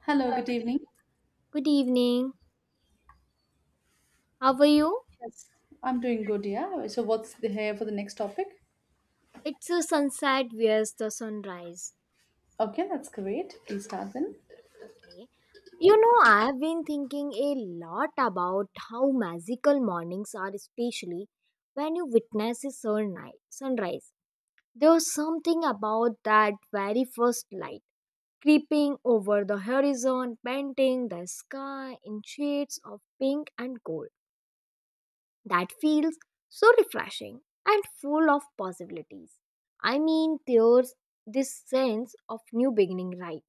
Hello, good evening. Good evening. How are you? Yes, I'm doing good, yeah. So, what's the here for the next topic? It's a sunset, where's the sunrise? Okay, that's great. Please start then. Okay. You know, I have been thinking a lot about how magical mornings are, especially when you witness a sunrise. There's something about that very first light creeping over the horizon, painting the sky in shades of pink and gold, that feels so refreshing and full of possibilities. I mean, there's this sense of new beginning, right?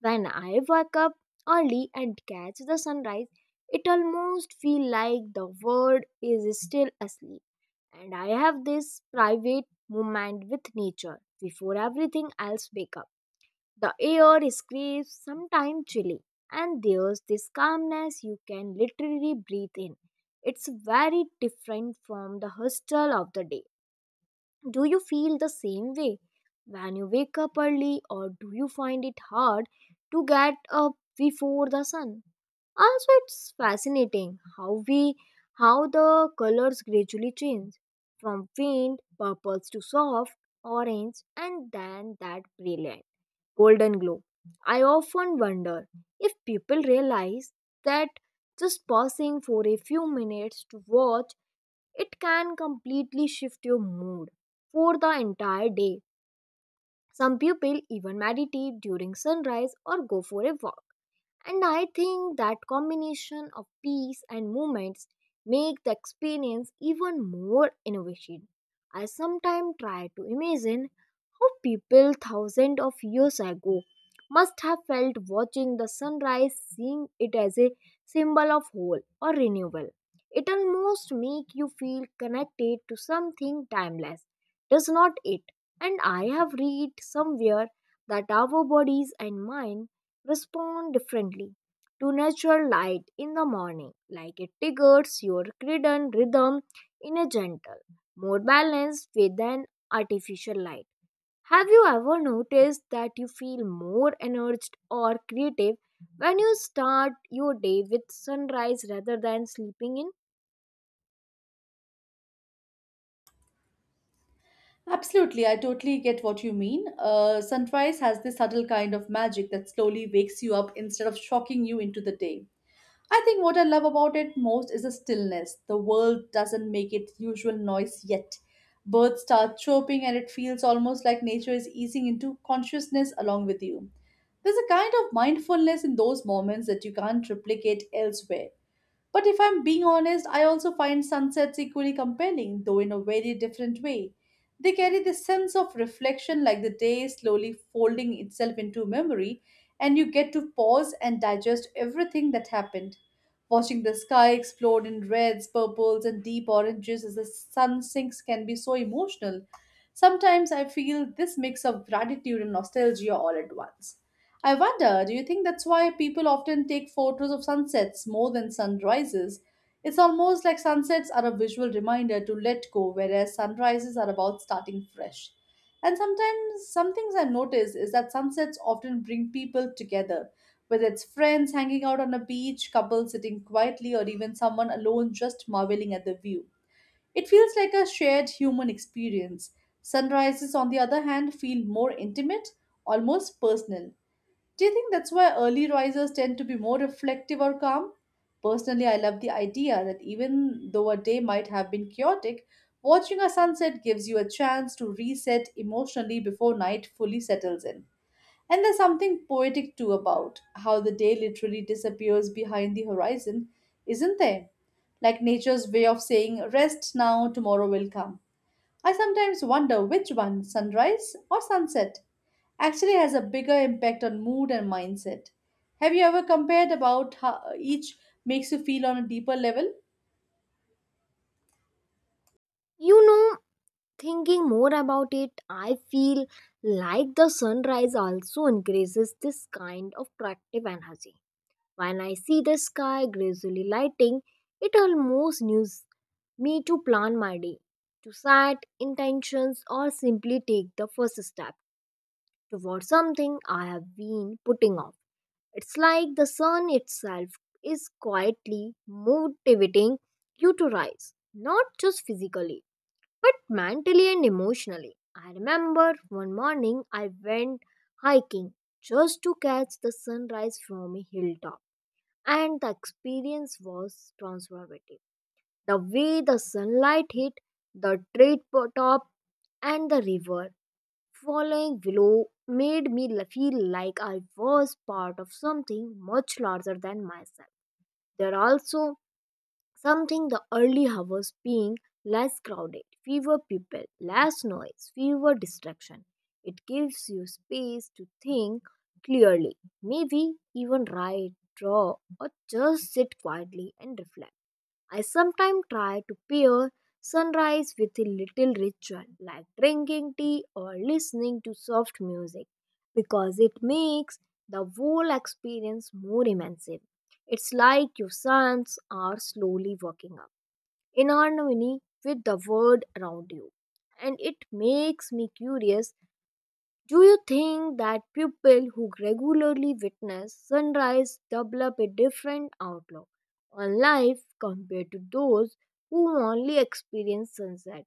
When I wake up early and catch the sunrise, it almost feels like the world is still asleep and I have this private moment with nature before everything else wakes up. The air is crisp, sometimes chilly, and there's this calmness you can literally breathe in. It's very different from the hustle of the day. Do you feel the same way when you wake up early, or do you find it hard to get up before the sun? Also, it's fascinating how the colors gradually change from faint purples to soft orange and then that brilliant golden glow. I often wonder if people realize that just pausing for a few minutes to watch it can completely shift your mood for the entire day. Some people even meditate during sunrise or go for a walk, and I think that combination of peace and movements make the experience even more innovative. I sometimes try to imagine how people thousands of years ago must have felt watching the sunrise, seeing it as a symbol of whole or renewal. It almost makes you feel connected to something timeless, does not it? And I have read somewhere that our bodies and mind respond differently to natural light in the morning, like it triggers your circadian rhythm in a gentle, more balanced way than artificial light. Have you ever noticed that you feel more energized or creative when you start your day with sunrise rather than sleeping in? Absolutely, I totally get what you mean. Sunrise has this subtle kind of magic that slowly wakes you up instead of shocking you into the day. I think what I love about it most is the stillness. The world doesn't make its usual noise yet. Birds start chirping, and it feels almost like nature is easing into consciousness along with you. There's a kind of mindfulness in those moments that you can't replicate elsewhere. But if I'm being honest, I also find sunsets equally compelling, though in a very different way. They carry this sense of reflection like the day slowly folding itself into memory, and you get to pause and digest everything that happened. Watching the sky explode in reds, purples, and deep oranges as the sun sinks can be so emotional. Sometimes I feel this mix of gratitude and nostalgia all at once. I wonder, do you think that's why people often take photos of sunsets more than sunrises? It's almost like sunsets are a visual reminder to let go, whereas sunrises are about starting fresh. And sometimes, some things I notice is that sunsets often bring people together, whether it's friends hanging out on a beach, couples sitting quietly, or even someone alone just marveling at the view. It feels like a shared human experience. Sunrises, on the other hand, feel more intimate, almost personal. Do you think that's why early risers tend to be more reflective or calm? Personally, I love the idea that even though a day might have been chaotic, watching a sunset gives you a chance to reset emotionally before night fully settles in. And there's something poetic too about how the day literally disappears behind the horizon, isn't there? Like nature's way of saying, rest now, tomorrow will come. I sometimes wonder which one, sunrise or sunset, actually has a bigger impact on mood and mindset. Have you ever compared about how each makes you feel on a deeper level? You know, thinking more about it, I feel like the sunrise also increases this kind of productive energy. When I see the sky gradually lighting, it almost news me to plan my day, to set intentions, or simply take the first step towards something I have been putting off. It's like the sun itself is quietly motivating you to rise, not just physically, but mentally and emotionally. I remember one morning I went hiking just to catch the sunrise from a hilltop, and the experience was transformative. The way the sunlight hit the top and the river following below made me feel like I was part of something much larger than myself. There also something the early hours being less crowded, fewer people, less noise, fewer distraction. It gives you space to think clearly, maybe even write, draw, or just sit quietly and reflect. I sometimes try to pair sunrise with a little ritual like drinking tea or listening to soft music because it makes the whole experience more immersive. It's like your suns are slowly waking up in harmony with the world around you, and it makes me curious, do you think that people who regularly witness sunrise develop a different outlook on life compared to those who only experience sunset?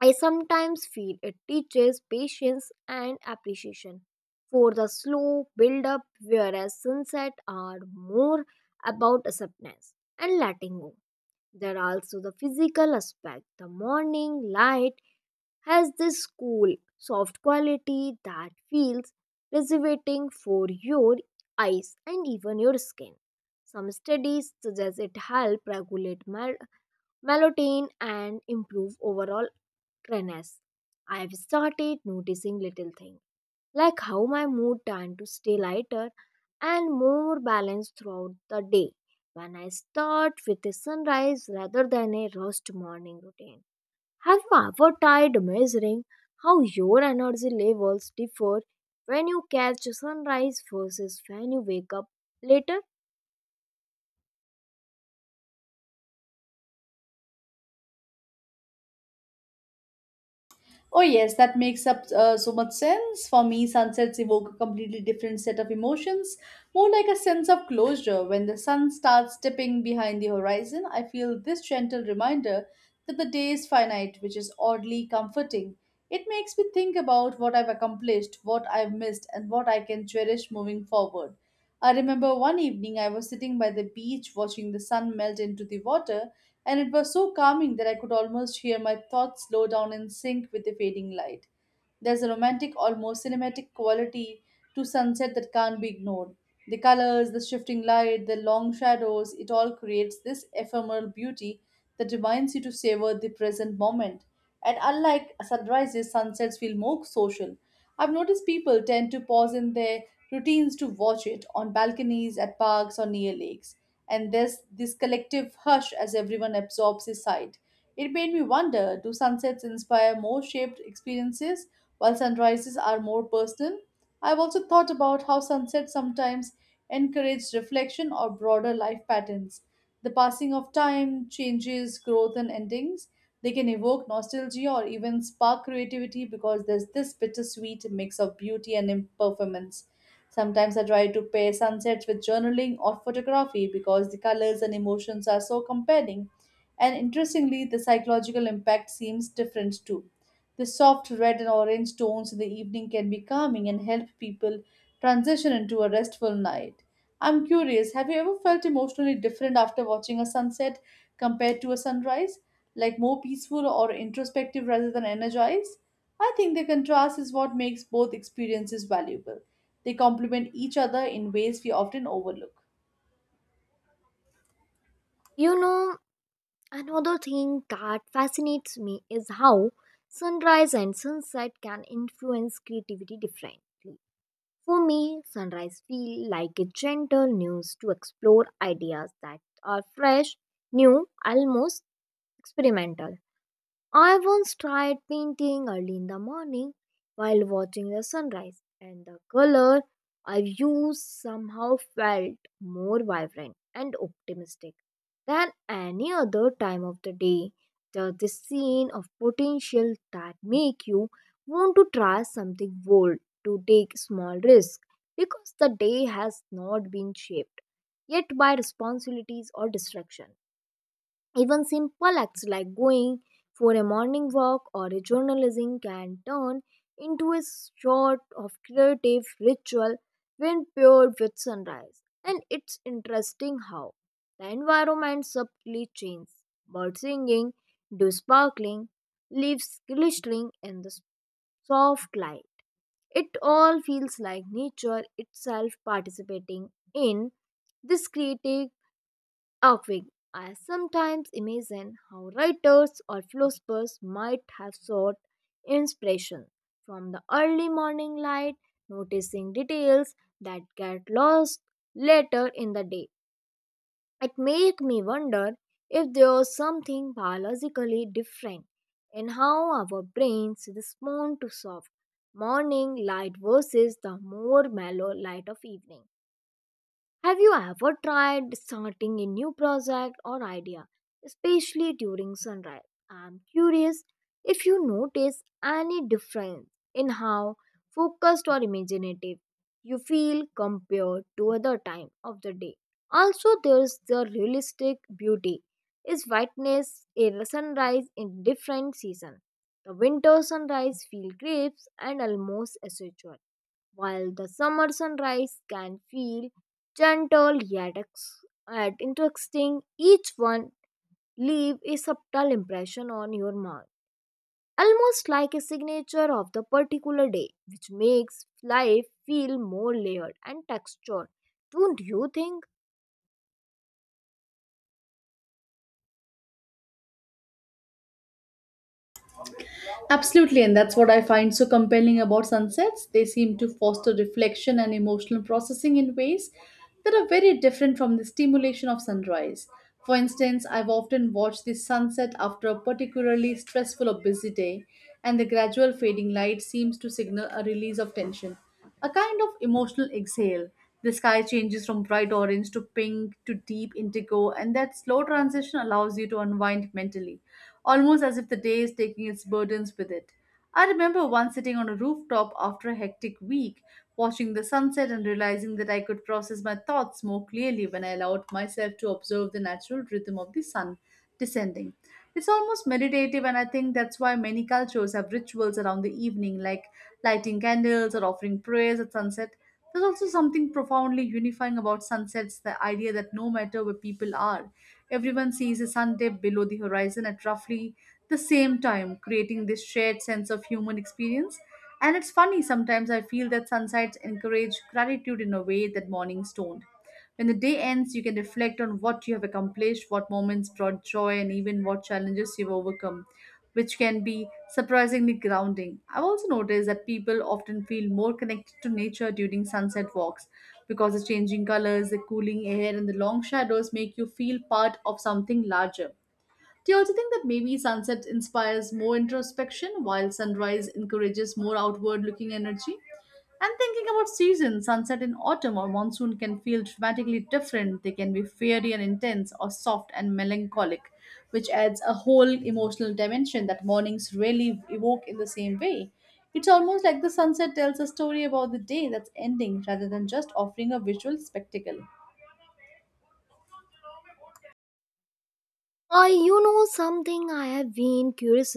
I sometimes feel it teaches patience and appreciation for the slow build up, whereas sunset are more about acceptance and letting go. There are also the physical aspect. The morning light has this cool, soft quality that feels reservating for your eyes and even your skin. Some studies suggest it helps regulate melatonin and improve overall clearness. I have started noticing little things like how my mood tend to stay lighter and more balanced throughout the day when I start with a sunrise rather than a rushed morning routine. Have you ever tried measuring how your energy levels differ when you catch sunrise versus when you wake up later? Oh, yes, that makes up so much sense. For me, sunsets evoke a completely different set of emotions, more like a sense of closure. When the sun starts dipping behind the horizon, I feel this gentle reminder that the day is finite, which is oddly comforting. It makes me think about what I've accomplished, what I've missed, and what I can cherish moving forward. I remember one evening I was sitting by the beach watching the sun melt into the water and it was so calming that I could almost hear my thoughts slow down in sync with the fading light. There's a romantic, almost cinematic quality to sunset that can't be ignored. The colors, the shifting light, the long shadows, it all creates this ephemeral beauty that reminds you to savor the present moment. And unlike sunrises, sunsets feel more social. I've noticed people tend to pause in their routines to watch it on balconies, at parks, or near lakes. And there's this collective hush as everyone absorbs the sight. It made me wonder, do sunsets inspire more shaped experiences while sunrises are more personal? I've also thought about how sunsets sometimes encourage reflection or broader life patterns. The passing of time, changes, growth, and endings, they can evoke nostalgia or even spark creativity because there's this bittersweet mix of beauty and impermanence. Sometimes I try to pair sunsets with journaling or photography because the colors and emotions are so compelling. And interestingly, the psychological impact seems different too. The soft red and orange tones in the evening can be calming and help people transition into a restful night. I'm curious, have you ever felt emotionally different after watching a sunset compared to a sunrise? Like more peaceful or introspective rather than energized? I think the contrast is what makes both experiences valuable. They complement each other in ways we often overlook. You know, another thing that fascinates me is how sunrise and sunset can influence creativity differently. For me, sunrise feels like a gentle news to explore ideas that are fresh, new, almost experimental. I once tried painting early in the morning while watching the sunrise, and the color I used somehow felt more vibrant and optimistic than any other time of the day. There's this scene of potential that make you want to try something bold, to take small risk, because the day has not been shaped yet by responsibilities or distraction. Even simple acts like going for a morning walk or a journalism can turn into a sort of creative ritual when paired with sunrise. And it's interesting how the environment subtly changes. Birds singing, dew sparkling, leaves glittering in the soft light. It all feels like nature itself participating in this creative outwing. I sometimes imagine how writers or philosophers might have sought inspiration from the early morning light, noticing details that get lost later in the day. It makes me wonder if there is something biologically different in how our brains respond to soft morning light versus the more mellow light of evening. Have you ever tried starting a new project or idea, especially during sunrise? I'm curious if you notice any difference in how focused or imaginative you feel compared to other time of the day. Also, there's the realistic beauty is whiteness a sunrise in different season. The winter sunrise feel crisp and almost spiritual, while the summer sunrise can feel gentle yet interesting. Each one leave a subtle impression on your mind, almost like a signature of the particular day, which makes life feel more layered and textured. Don't you think? Absolutely, and that's what I find so compelling about sunsets. They seem to foster reflection and emotional processing in ways that are very different from the stimulation of sunrise. For instance, I've often watched the sunset after a particularly stressful or busy day, and the gradual fading light seems to signal a release of tension, a kind of emotional exhale. The sky changes from bright orange to pink to deep indigo, and that slow transition allows you to unwind mentally, almost as if the day is taking its burdens with it. I remember once sitting on a rooftop after a hectic week, watching the sunset and realizing that I could process my thoughts more clearly when I allowed myself to observe the natural rhythm of the sun descending. It's almost meditative, and I think that's why many cultures have rituals around the evening, like lighting candles or offering prayers at sunset. There's also something profoundly unifying about sunsets, the idea that no matter where people are, everyone sees a sun dip below the horizon at roughly the same time, creating this shared sense of human experience. And it's funny, sometimes I feel that sunsets encourage gratitude in a way that mornings don't. When the day ends, you can reflect on what you have accomplished, what moments brought joy, and even what challenges you've overcome, which can be surprisingly grounding. I've also noticed that people often feel more connected to nature during sunset walks because the changing colors, the cooling air, and the long shadows make you feel part of something larger. Do you also think that maybe sunset inspires more introspection while sunrise encourages more outward looking energy? And thinking about seasons, sunset in autumn or monsoon can feel dramatically different. They can be fiery and intense or soft and melancholic, which adds a whole emotional dimension that mornings rarely evoke in the same way. It's almost like the sunset tells a story about the day that's ending rather than just offering a visual spectacle. You know something I have been curious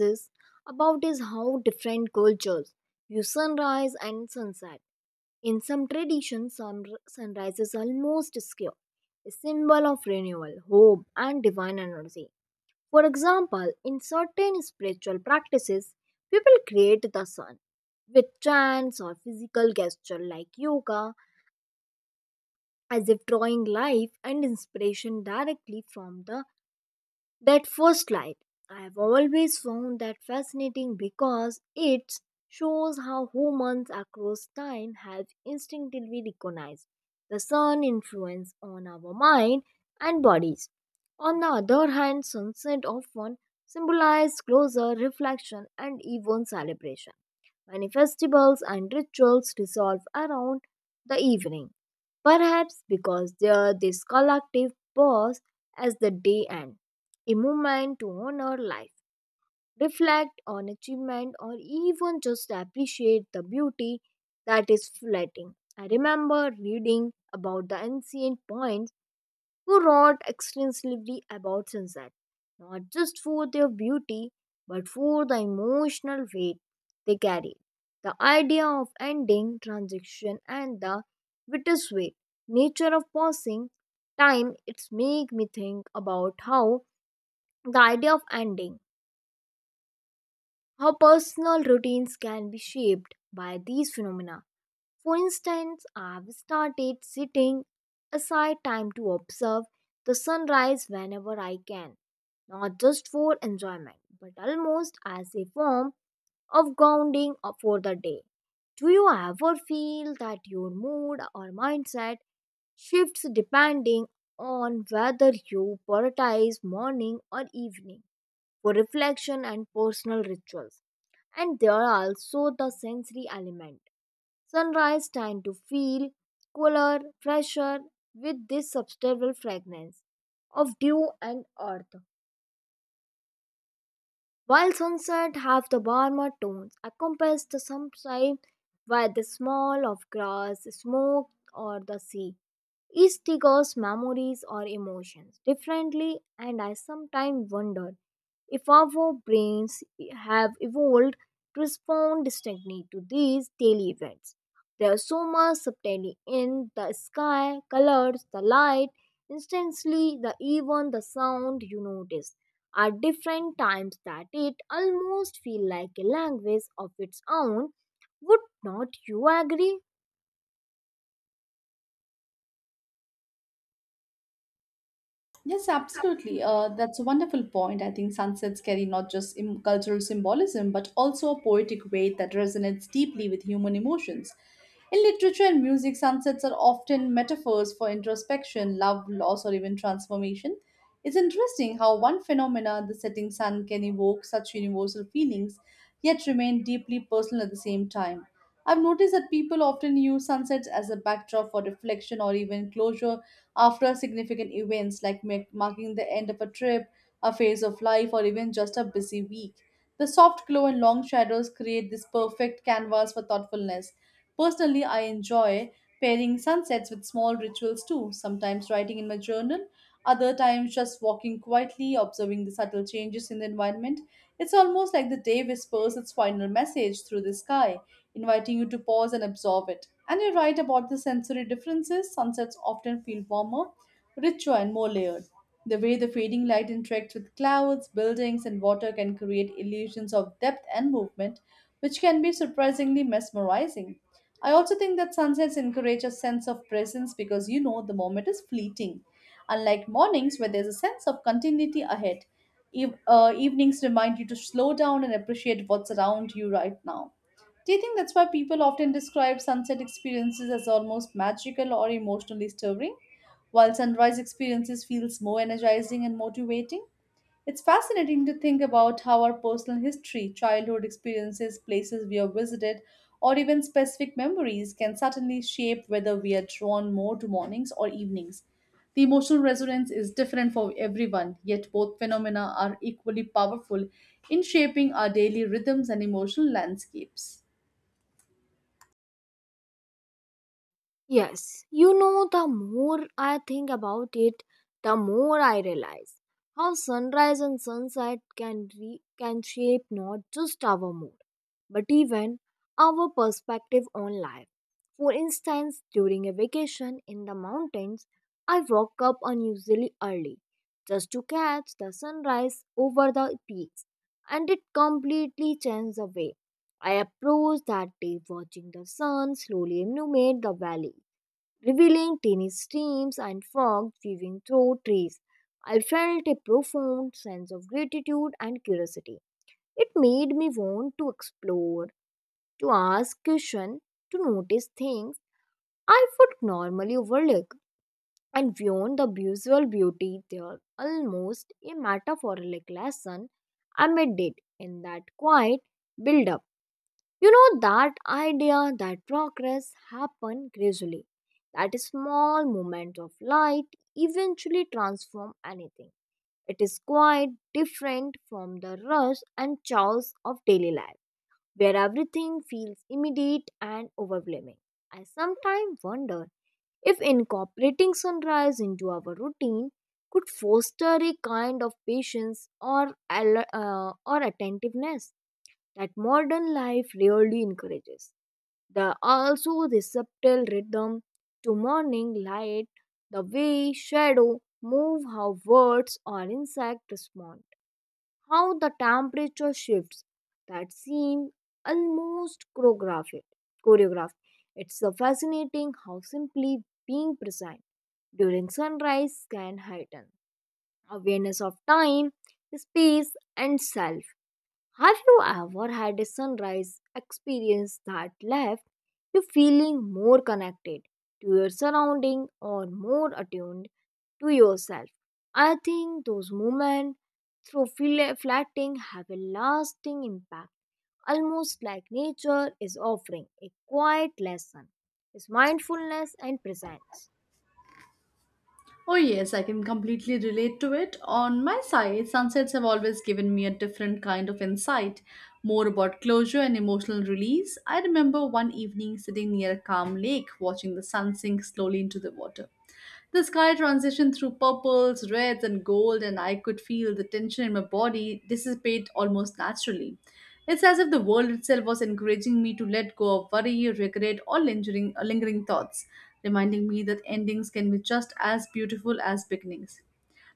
about is how different cultures view sunrise and sunset. In some traditions, sunrise is almost secure, a symbol of renewal, hope, and divine energy. For example, in certain spiritual practices, people create the sun with chants or physical gesture like yoga, as if drawing life and inspiration directly from the that first light. I've always found that fascinating because it shows how humans across time have instinctively recognized the sun influence on our mind and bodies. On the other hand, sunset often symbolizes closure, reflection, and even celebration. Many festivals and rituals resolve around the evening, perhaps because there this collective pause as the day ends, a moment to honor life, reflect on achievement, or even just appreciate the beauty that is fleeting. I remember reading about the ancient point who wrote extensively about sunset, not just for their beauty, but for the emotional weight they carry. The idea of ending, transition, and the bittersweet nature of passing time, it's make me think about how the idea of ending, how personal routines can be shaped by these phenomena. For instance, I've started setting aside time to observe the sunrise whenever I can, not just for enjoyment, but almost as a form of grounding for the day. Do you ever feel that your mood or mindset shifts depending on whether you prioritize morning or evening for reflection and personal rituals? And there are also the sensory element. Sunrise time to feel cooler, fresher, with this subtle fragrance of dew and earth, while sunset have the warmer tones, encompassed the sunshine by the smell of grass, smoke, or the sea. Each triggers memories or emotions differently, and I sometimes wonder if our brains have evolved to respond distinctly to these daily events. There's so much subtlety in the sky, colors, the light, instantly, the even the sound you notice. At different times, that it almost feel like a language of its own. Would not you agree? Yes, absolutely. That's a wonderful point. I think sunsets carry not just cultural symbolism, but also a poetic weight that resonates deeply with human emotions. In literature and music, sunsets are often metaphors for introspection, love, loss, or even transformation. It's interesting how one phenomena, the setting sun, can evoke such universal feelings, yet remain deeply personal at the same time. I've noticed that people often use sunsets as a backdrop for reflection or even closure after significant events, like marking the end of a trip, a phase of life, or even just a busy week. The soft glow and long shadows create this perfect canvas for thoughtfulness. Personally, I enjoy pairing sunsets with small rituals too, sometimes writing in my journal, other times just walking quietly, observing the subtle changes in the environment. It's almost like the day whispers its final message through the sky, inviting you to pause and absorb it. And you're right about the sensory differences. Sunsets often feel warmer, richer, and more layered. The way the fading light interacts with clouds, buildings, and water can create illusions of depth and movement, which can be surprisingly mesmerizing. I also think that sunsets encourage a sense of presence because you know the moment is fleeting. Unlike mornings, where there's a sense of continuity ahead, evenings remind you to slow down and appreciate what's around you right now. Do you think that's why people often describe sunset experiences as almost magical or emotionally stirring, while sunrise experiences feels more energizing and motivating? It's fascinating to think about how our personal history, childhood experiences, places we have visited, or even specific memories can certainly shape whether we are drawn more to mornings or evenings. The emotional resonance is different for everyone, yet both phenomena are equally powerful in shaping our daily rhythms and emotional landscapes. Yes, you know, the more I think about it, the more I realize how sunrise and sunset can shape not just our mood, but even our perspective on life. For instance, during a vacation in the mountains, I woke up unusually early just to catch the sunrise over the peaks, and it completely changed the way I approached that day watching the sun slowly illuminate the valley revealing tiny streams and fog weaving through trees. I felt a profound sense of gratitude and curiosity. It made me want to explore, to ask questions, to notice things I would normally overlook. And beyond the visual beauty, there almost a metaphoric lesson I made it in that quiet build-up. You know that idea that progress happen gradually, that a small moment of light eventually transform anything. It is quite different from the rush and chaos of daily life, where everything feels immediate and overwhelming. I sometimes wonder if incorporating sunrise into our routine could foster a kind of patience or or attentiveness that modern life rarely encourages. The also the subtle rhythm to morning light, the way shadow move, how birds or insect respond, how the temperature shifts that seem almost choreographed. It's so fascinating how simply being present during sunrise can heighten awareness of time, space, and self. Have you ever had a sunrise experience that left you feeling more connected to your surrounding or more attuned to yourself? I think those moments through flatting have a lasting impact, almost like nature is offering a quiet lesson. Is mindfulness and presence. Oh, yes, I can completely relate to it. On my side, sunsets have always given me a different kind of insight, more about closure and emotional release. I remember one evening sitting near a calm lake, watching the sun sink slowly into the water. The sky transitioned through purples, reds, and gold, and I could feel the tension in my body dissipate almost naturally. It's as if the world itself was encouraging me to let go of worry, regret, or lingering thoughts, reminding me that endings can be just as beautiful as beginnings.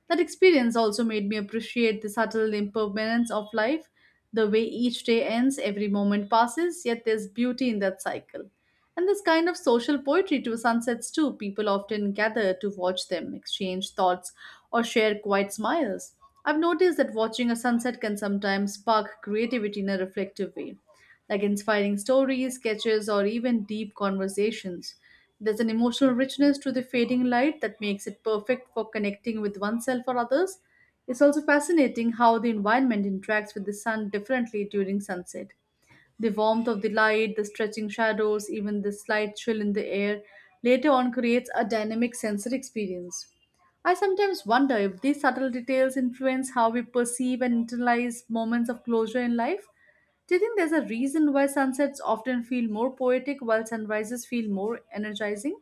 That experience also made me appreciate the subtle impermanence of life, the way each day ends, every moment passes, yet there's beauty in that cycle. And this kind of social poetry to sunsets too. People often gather to watch them, exchange thoughts, or share quiet smiles. I've noticed that watching a sunset can sometimes spark creativity in a reflective way, like inspiring stories, sketches, or even deep conversations. There's an emotional richness to the fading light that makes it perfect for connecting with oneself or others. It's also fascinating how the environment interacts with the sun differently during sunset. The warmth of the light, the stretching shadows, even the slight chill in the air later on creates a dynamic sensory experience. I sometimes wonder if these subtle details influence how we perceive and internalize moments of closure in life. Do you think there's a reason why sunsets often feel more poetic while sunrises feel more energizing?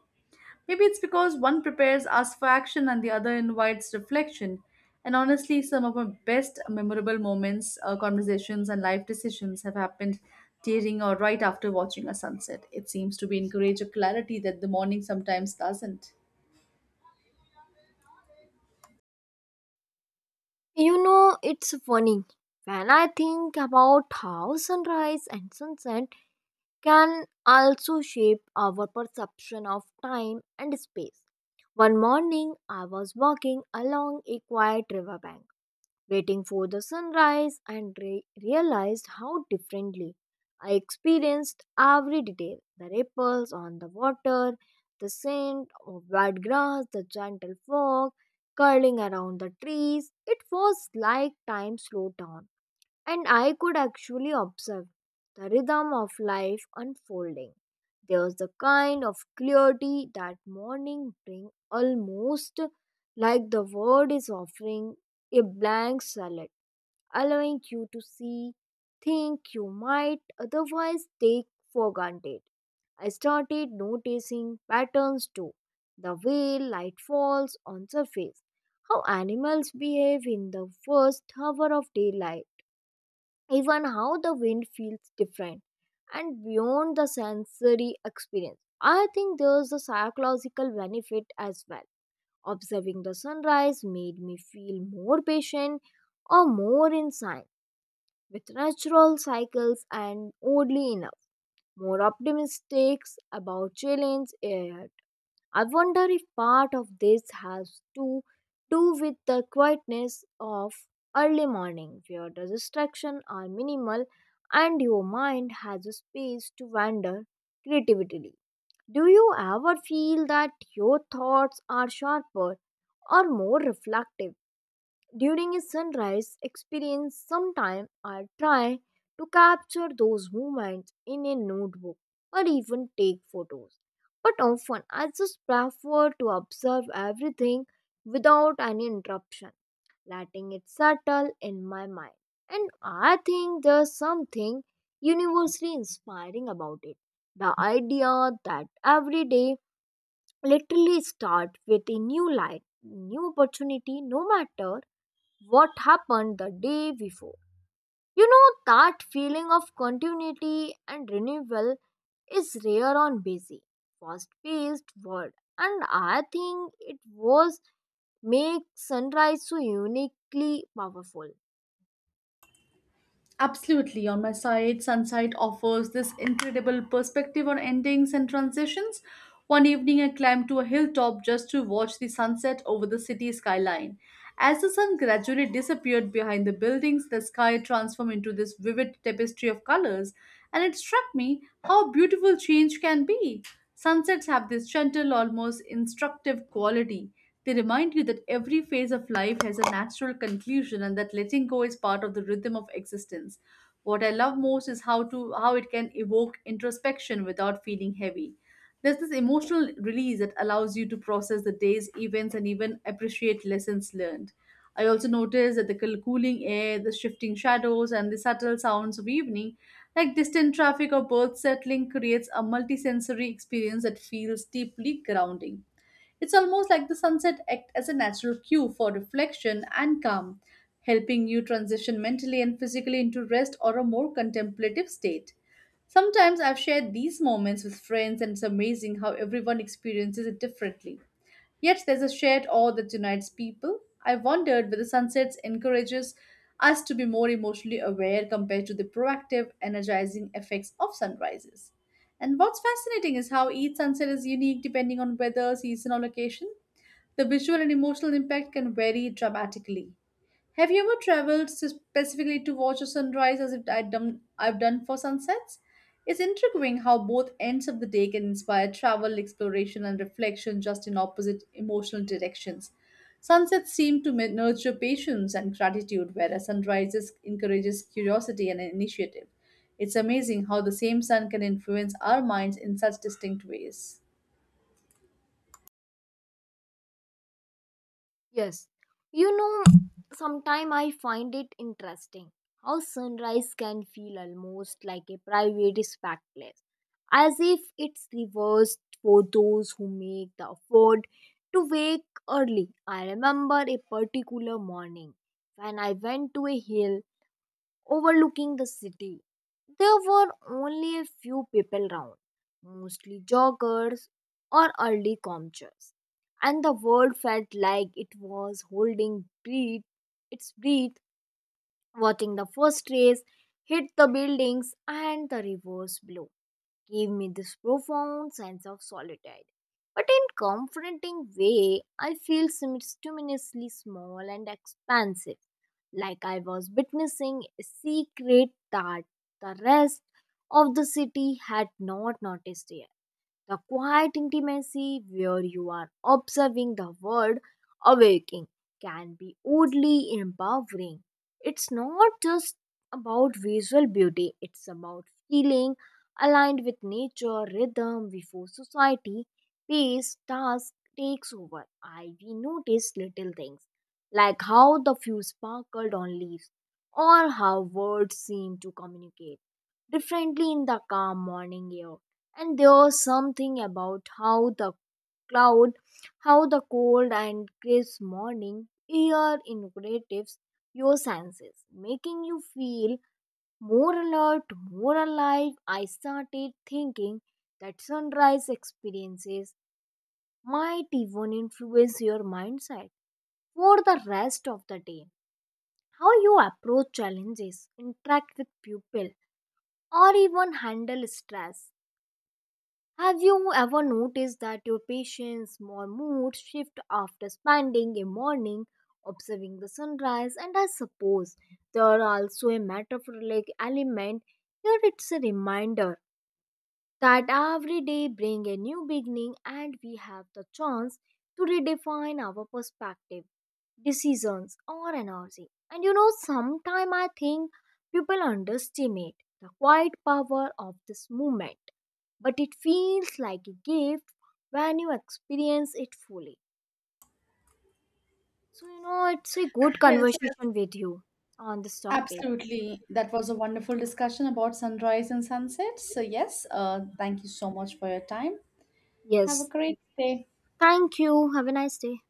Maybe it's because one prepares us for action and the other invites reflection. And honestly, some of my best memorable moments, conversations, and life decisions have happened during or right after watching a sunset. It seems to be encourage a clarity that the morning sometimes doesn't. You know, it's funny when I think about how sunrise and sunset can also shape our perception of time and space. One morning, I was walking along a quiet riverbank, waiting for the sunrise, and realized how differently I experienced every detail, the ripples on the water, the scent of wet grass, the gentle fog curling around the trees. It was like time slowed down and I could actually observe the rhythm of life unfolding. There was the kind of clarity that morning bring, almost like the world is offering a blank salad, allowing you to see think you might otherwise take for granted. I started noticing patterns too. The way light falls on surface, how animals behave in the first hour of daylight, even how the wind feels different. And beyond the sensory experience, I think there's a psychological benefit as well. Observing the sunrise made me feel more patient or more in sync with natural cycles, and oddly enough, more optimistic about challenge ahead. I wonder if part of this has to do with the quietness of early morning, where the distractions are minimal and your mind has a space to wander creatively. Do you ever feel that your thoughts are sharper or more reflective during a sunrise experience? Sometime I try to capture those moments in a notebook or even take photos, but often I just prefer to observe everything without any interruption, letting it settle in my mind. And I think there's something universally inspiring about it, the idea that every day literally starts with a new light, new opportunity, no matter what happened the day before. You know, that feeling of continuity and renewal is rare on busy, fast paced world. And I think it was make sunrise so uniquely powerful. Absolutely. On my side, Sunsight offers this incredible perspective on endings and transitions. One evening, I climbed to a hilltop just to watch the sunset over the city skyline. As the sun gradually disappeared behind the buildings, the sky transformed into this vivid tapestry of colors, and it struck me how beautiful change can be. Sunsets have this gentle, almost instructive quality. They remind you that every phase of life has a natural conclusion and that letting go is part of the rhythm of existence. What I love most is how to how it can evoke introspection without feeling heavy. There's this emotional release that allows you to process the day's events and even appreciate lessons learned. I also noticed that the cooling air, the shifting shadows, and the subtle sounds of evening, like distant traffic or birds settling, creates a multisensory experience that feels deeply grounding. It's almost like the sunset act as a natural cue for reflection and calm, helping you transition mentally and physically into rest or a more contemplative state. Sometimes I've shared these moments with friends, and it's amazing how everyone experiences it differently. Yet there's a shared awe that unites people. I wondered whether sunsets encourages us to be more emotionally aware compared to the proactive, energizing effects of sunrises. And what's fascinating is how each sunset is unique depending on weather, season, or location. The visual and emotional impact can vary dramatically. Have you ever traveled specifically to watch a sunrise as if I'd done, I've done for sunsets? It's intriguing how both ends of the day can inspire travel, exploration, and reflection just in opposite emotional directions. Sunsets seem to nurture patience and gratitude, whereas sunrises encourages curiosity and initiative. It's amazing how the same sun can influence our minds in such distinct ways. Yes, you know, sometimes I find it interesting how sunrise can feel almost like a private spectacle, as if it's reversed for those who make the effort to wake early. I remember a particular morning when I went to a hill overlooking the city. There were only a few people around, mostly joggers or early commuters, and the world felt like it was holding breath, its breath, watching the first rays hit the buildings, and the reverse blow gave me this profound sense of solitude. But in confronting way, I feel simultaneously small and expansive, like I was witnessing a secret that the rest of the city had not noticed yet. The quiet intimacy where you are observing the world awaking can be oddly empowering. It's not just about visual beauty, it's about feeling aligned with nature, rhythm before society, pace, task takes over. I we noticed little things like how the few sparkled on leaves or how words seem to communicate differently in the calm morning air. And there's something about how the cloud how the cold and crisp morning air invigorates your senses, making you feel more alert, more alive. I started thinking that sunrise experiences might even influence your mindset for the rest of the day, how you approach challenges, interact with people, or even handle stress. Have you ever noticed that your patient's more mood shift after spending a morning observing the sunrise? And I suppose there are also a metaphoric element here. It's a reminder that every day bring a new beginning and we have the chance to redefine our perspective, decisions, or energy. And you know, sometimes I think people underestimate the quiet power of this movement, but it feels like a gift when you experience it fully. So you know, it's a good Yes, conversation with you on this topic. absolutely. That was a wonderful discussion about sunrise and sunset. So, yes, thank you so much for your time. Have a Yes, great day. thank you, have a nice day.